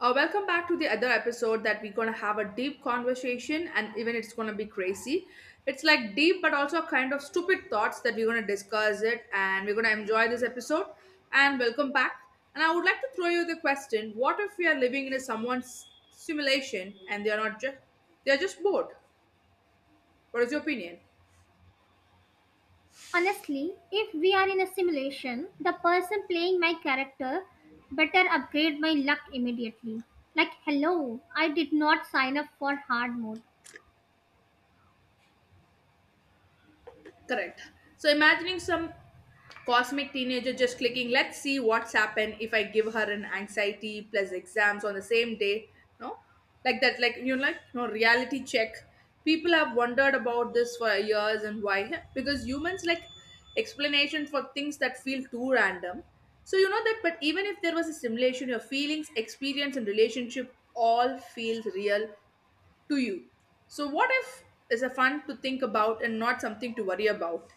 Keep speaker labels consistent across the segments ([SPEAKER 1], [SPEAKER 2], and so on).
[SPEAKER 1] Welcome back to the other episode that we're gonna have a deep conversation and even it's gonna be crazy. It's like deep but also kind of stupid thoughts that we're gonna discuss it and we're gonna enjoy this episode. And welcome back. And I would like to throw you the question: what if we are living in a someone's simulation and they are not just they are just bored? What is your opinion?
[SPEAKER 2] Honestly, if we are in a simulation, the person playing my character better upgrade my luck immediately. Like, hello, I did not sign up for hard mode.
[SPEAKER 1] Correct. So imagining some cosmic teenager just clicking, let's see what's happened if I give her an anxiety plus exams on the same day. No? Like that, like you know, like no reality check. People have wondered about this for years, and why? Huh? Because humans like explanation for things that feel too random. So you know that, but even if there was a simulation, your feelings, experience, and relationship all feel real to you. So what if is a fun to think about and not something to worry about?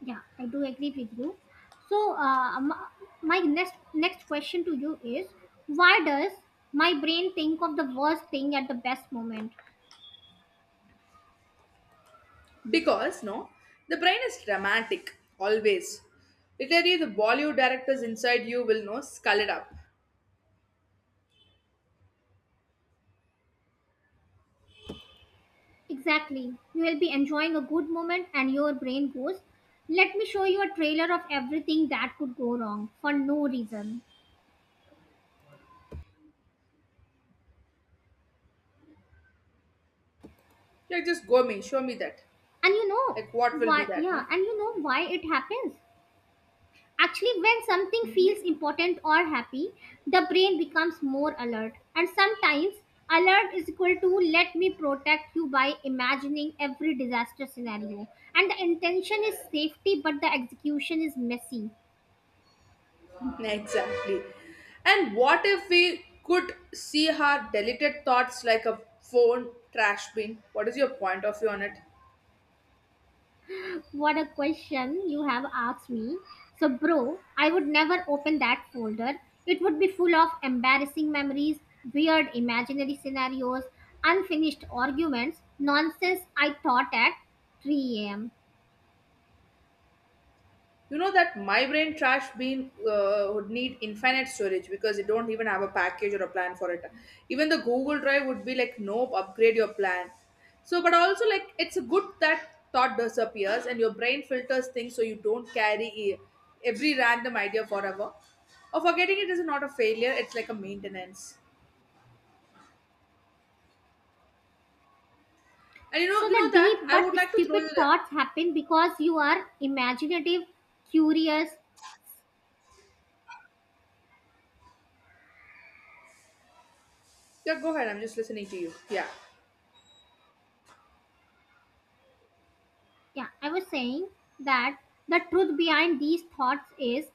[SPEAKER 2] Yeah, I do agree with you. So, my next question to you is, why does my brain think of the worst thing at the best moment?
[SPEAKER 1] Because no, the brain is dramatic always. Literally, the Bollywood directors inside you will know skull it up.
[SPEAKER 2] Exactly. You will be enjoying a good moment, and your brain goes, "Let me show you a trailer of everything that could go wrong for no reason."
[SPEAKER 1] Like just go me, show me that.
[SPEAKER 2] and you know
[SPEAKER 1] Like what will be
[SPEAKER 2] why
[SPEAKER 1] that?
[SPEAKER 2] Yeah,
[SPEAKER 1] No.
[SPEAKER 2] and why it happens actually. When something
[SPEAKER 1] Mm-hmm.
[SPEAKER 2] feels important or happy, the brain becomes more alert, and sometimes alert is equal to, let me protect you by imagining every disaster scenario. And the intention is safety, but the execution is messy.
[SPEAKER 1] Exactly. And what if we could see her deleted thoughts like a phone trash bin? What is your point of view on it?
[SPEAKER 2] What a question you have asked me. So, bro, I would never open that folder. It would be full of embarrassing memories, weird imaginary scenarios, unfinished arguments, nonsense I thought at 3 am.
[SPEAKER 1] You know that my brain trash bin would need infinite storage because it don't even have a package or a plan for it. Even the Google Drive would be like, nope, upgrade your plan. So, but also like it's good that thought disappears and your brain filters things so you don't carry every random idea forever. Or forgetting it is not a failure; it's like a maintenance. And
[SPEAKER 2] So,
[SPEAKER 1] you
[SPEAKER 2] the
[SPEAKER 1] know that
[SPEAKER 2] deep
[SPEAKER 1] I would
[SPEAKER 2] but
[SPEAKER 1] like to throw you
[SPEAKER 2] stupid
[SPEAKER 1] the.
[SPEAKER 2] thoughts happen because you are imaginative, curious.
[SPEAKER 1] Yeah, go ahead. I'm just listening to you. Yeah.
[SPEAKER 2] Yeah, I was saying that the truth behind these thoughts is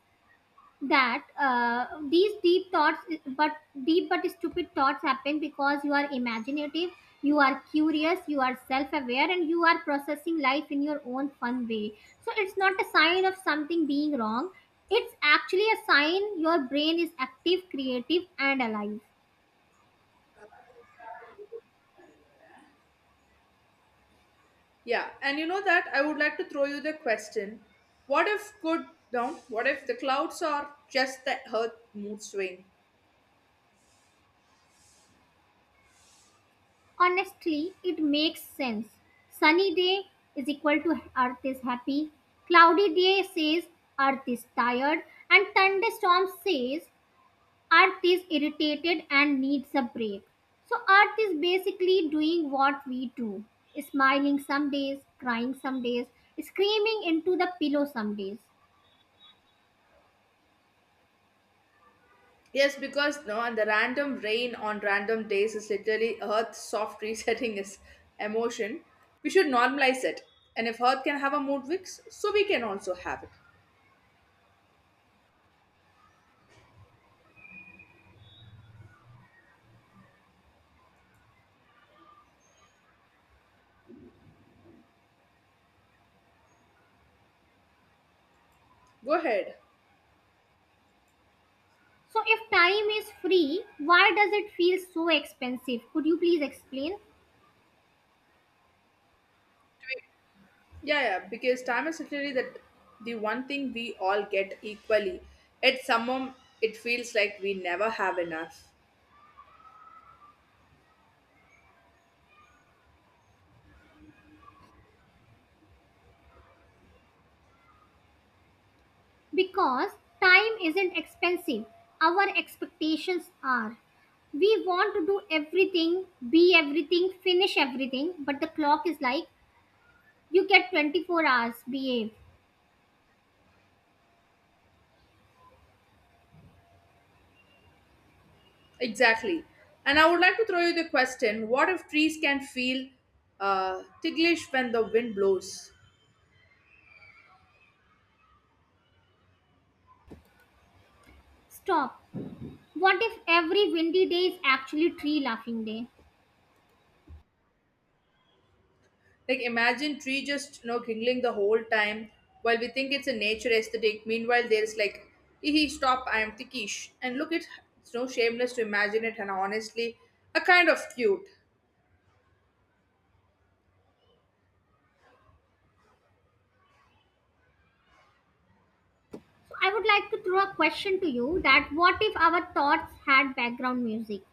[SPEAKER 2] that these deep thoughts, but but stupid thoughts, happen because you are imaginative, you are curious, you are self-aware, and you are processing life in your own fun way. So it's not a sign of something being wrong. It's actually a sign your brain is active, creative, and alive.
[SPEAKER 1] Yeah, and you know that I would like to throw you the question. What if good no, what if the clouds are just the earth mood swing?
[SPEAKER 2] Honestly, it makes sense. Sunny day is equal to earth is happy, cloudy day says earth is tired, and thunderstorm says Earth is irritated and needs a break. So, Earth is basically doing what we do: smiling some days, crying some days, screaming into the pillow some days.
[SPEAKER 1] Yes, because no, and the random rain on random days is literally earth soft resetting its emotion. We should normalize it. And if earth can have a mood fix, so we can also have it. Go ahead.
[SPEAKER 2] So, if time is free, why does it feel so expensive? Could you please explain?
[SPEAKER 1] Yeah, yeah, because time is literally that the one thing we all get equally. At some moment, it feels like we never have enough.
[SPEAKER 2] Because time isn't expensive, our expectations are. We want to do everything, be everything, finish everything, but the clock is like, you get 24 hours, behave.
[SPEAKER 1] Exactly. And I would like to throw you the question, what if trees can feel ticklish when the wind blows?
[SPEAKER 2] Stop. What if every windy day is actually tree laughing day?
[SPEAKER 1] Like, imagine tree just, you know, giggling the whole time while we think it's a nature aesthetic. Meanwhile, there's like, hee stop, I am ticklish. And look, it, it's no shameless to imagine it, and honestly, a kind of cute.
[SPEAKER 2] So I would like to throw a question to you: that what if our thoughts had background music?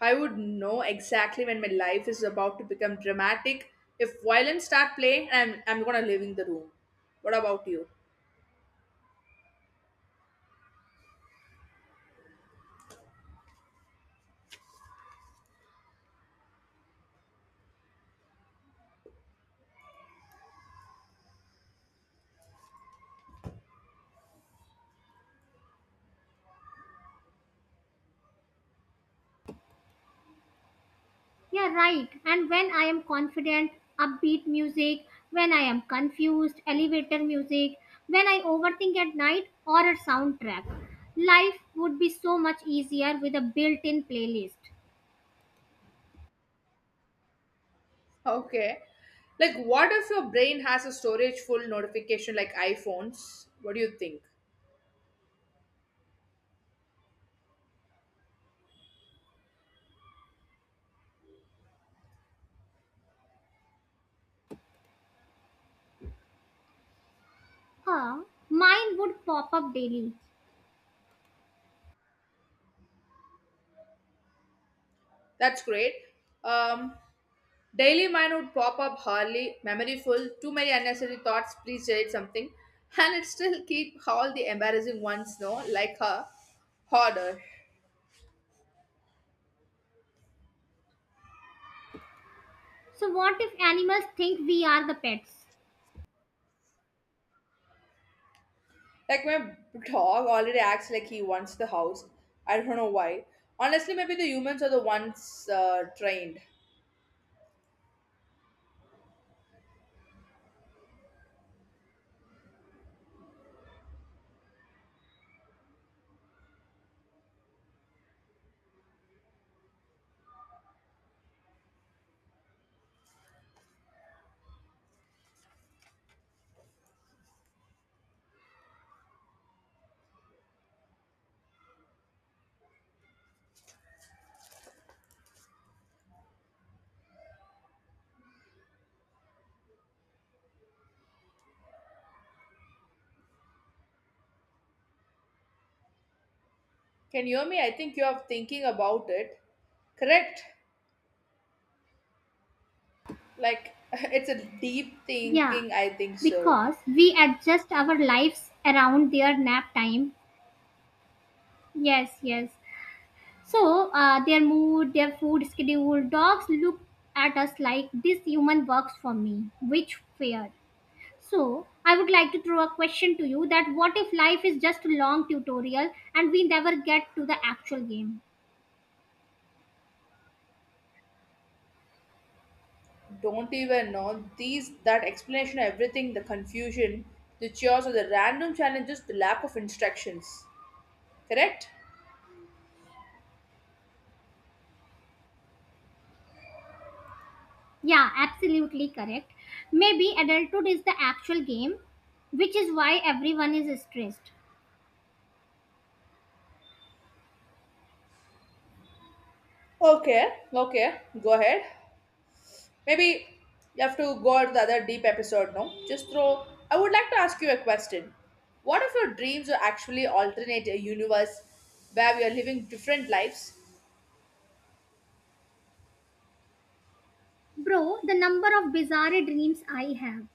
[SPEAKER 1] I would know exactly when my life is about to become dramatic if violins start playing, and I'm gonna leaving the room. What about you?
[SPEAKER 2] Yeah, right. And when I am confident, upbeat music; when I am confused, elevator music; when I overthink at night, or a soundtrack. Life would be so much easier with a built in playlist.
[SPEAKER 1] Okay. Like, what if your brain has a storage full notification like iPhones? What do you think?
[SPEAKER 2] Huh? Mine would pop up daily.
[SPEAKER 1] That's great. Um, Daily mine would pop up hardly, memory full, too many unnecessary thoughts, please delete something. And it still keep all the embarrassing ones, no? Like her harder.
[SPEAKER 2] So, what if animals think we are the pets?
[SPEAKER 1] Like my dog already acts like he wants the house. I don't know why. Honestly, maybe the humans are the ones trained. Can you hear me? I think you are thinking about it. Correct. Like it's a deep
[SPEAKER 2] Yeah,
[SPEAKER 1] thinking, I think so.
[SPEAKER 2] because we adjust our lives around their nap time. Yes, yes. So, their mood, their food schedule, dogs look at us like, this human works for me. Which fair? So, I would like to throw a question to you: that what if life is just a long tutorial and we never get to the actual game?
[SPEAKER 1] Don't even know these that explanation everything, the confusion, the chaos, or the random challenges, the lack of instructions. Correct.
[SPEAKER 2] Yeah, absolutely correct. Maybe adulthood is the actual game, which is why everyone is stressed.
[SPEAKER 1] Okay, okay, go ahead. Maybe you have to go out to the other deep episode, no, just throw, I would like to ask you a question: what if your dreams are actually alternate a universe where we are living different lives?
[SPEAKER 2] Bro, the number of bizarre dreams I have.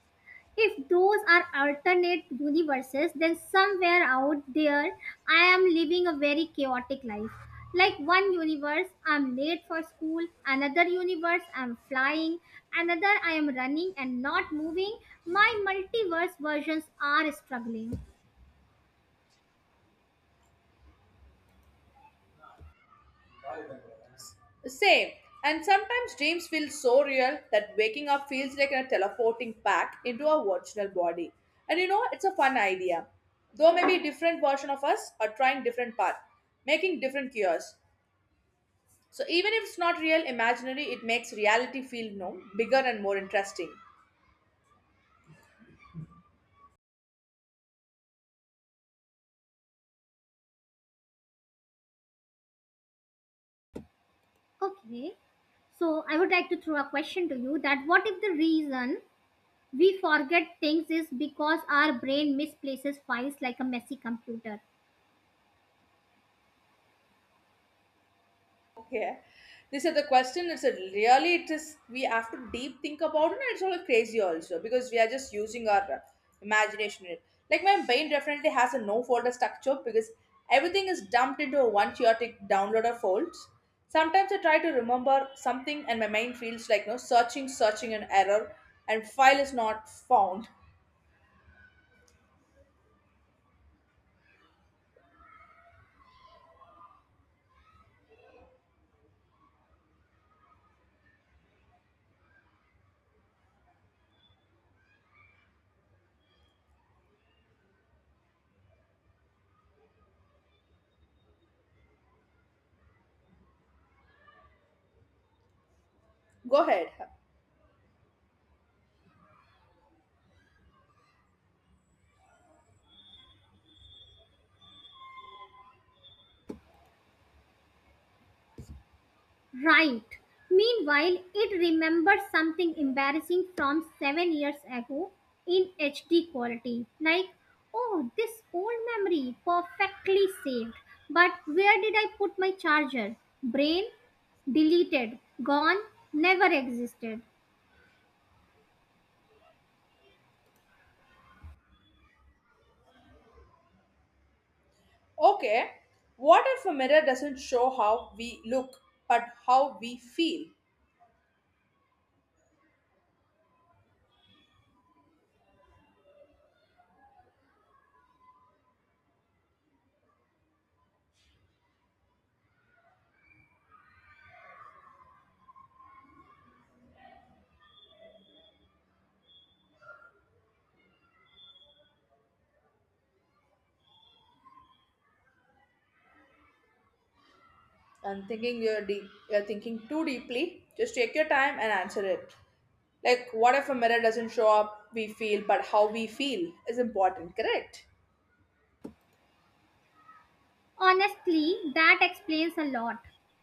[SPEAKER 2] If those are alternate universes, then somewhere out there I am living a very chaotic life. Like, one universe, I'm late for school; another universe, I'm flying; another, I am running and not moving. My multiverse versions are struggling.
[SPEAKER 1] Same. And sometimes dreams feel so real that waking up feels like a teleporting back into our original body. And you know, it's a fun idea. Though maybe different version of us are trying different path, making different cures. So even if it's not real imaginary, it makes reality feel no bigger and more interesting.
[SPEAKER 2] Okay, so I would like to throw a question to you: that what if the reason we forget things is because our brain misplaces files like a messy computer?
[SPEAKER 1] Okay. This is the question. It's a really it is we have to deep think about it and it's all crazy also because we are just using our imagination. Like my brain definitely has a no folder structure because everything is dumped into a one chaotic download of folds. Sometimes I try to remember something and my mind feels like no searching, searching an error and file is not found. Go ahead.
[SPEAKER 2] Right. Meanwhile, it remembers something embarrassing from 7 years ago in HD quality. Like, oh, this old memory perfectly saved. But where did I put my charger? Brain deleted, gone, never existed.
[SPEAKER 1] Okay. What if a mirror doesn't show how we look but how we feel? I'm thinking you're deep, you're thinking too deeply. Just take your time and answer it. Like, what if a mirror doesn't show up? We feel, but how we feel is important, correct?
[SPEAKER 2] Honestly, that explains a lot.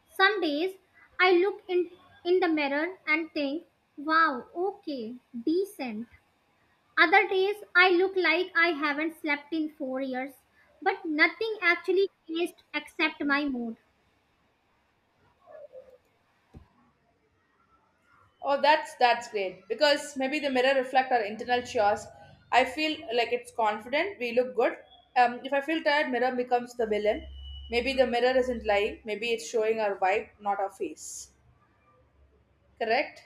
[SPEAKER 2] Some days I look in, the mirror and think, wow, okay, decent. Other days I look like I haven't slept in 4 years, but nothing actually changed except my mood.
[SPEAKER 1] Oh, that's great because maybe the mirror reflect our internal chaos. I feel like it's confident. We look good. If I feel tired, mirror becomes the villain. Maybe the mirror isn't lying. Maybe it's showing our vibe, not our face. Correct.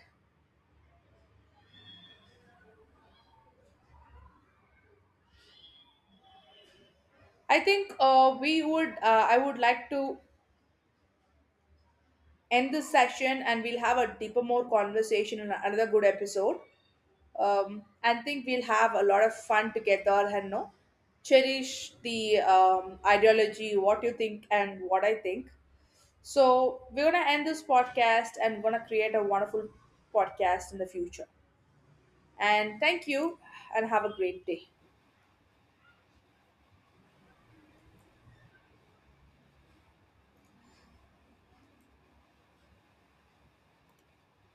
[SPEAKER 1] I think we would. I would like to end this session and we'll have a deeper, more conversation in another good episode. And think we'll have a lot of fun together, and no cherish the ideology, what you think and what I think. So we're gonna end this podcast and gonna create a wonderful podcast in the future. And thank you, and have a great day.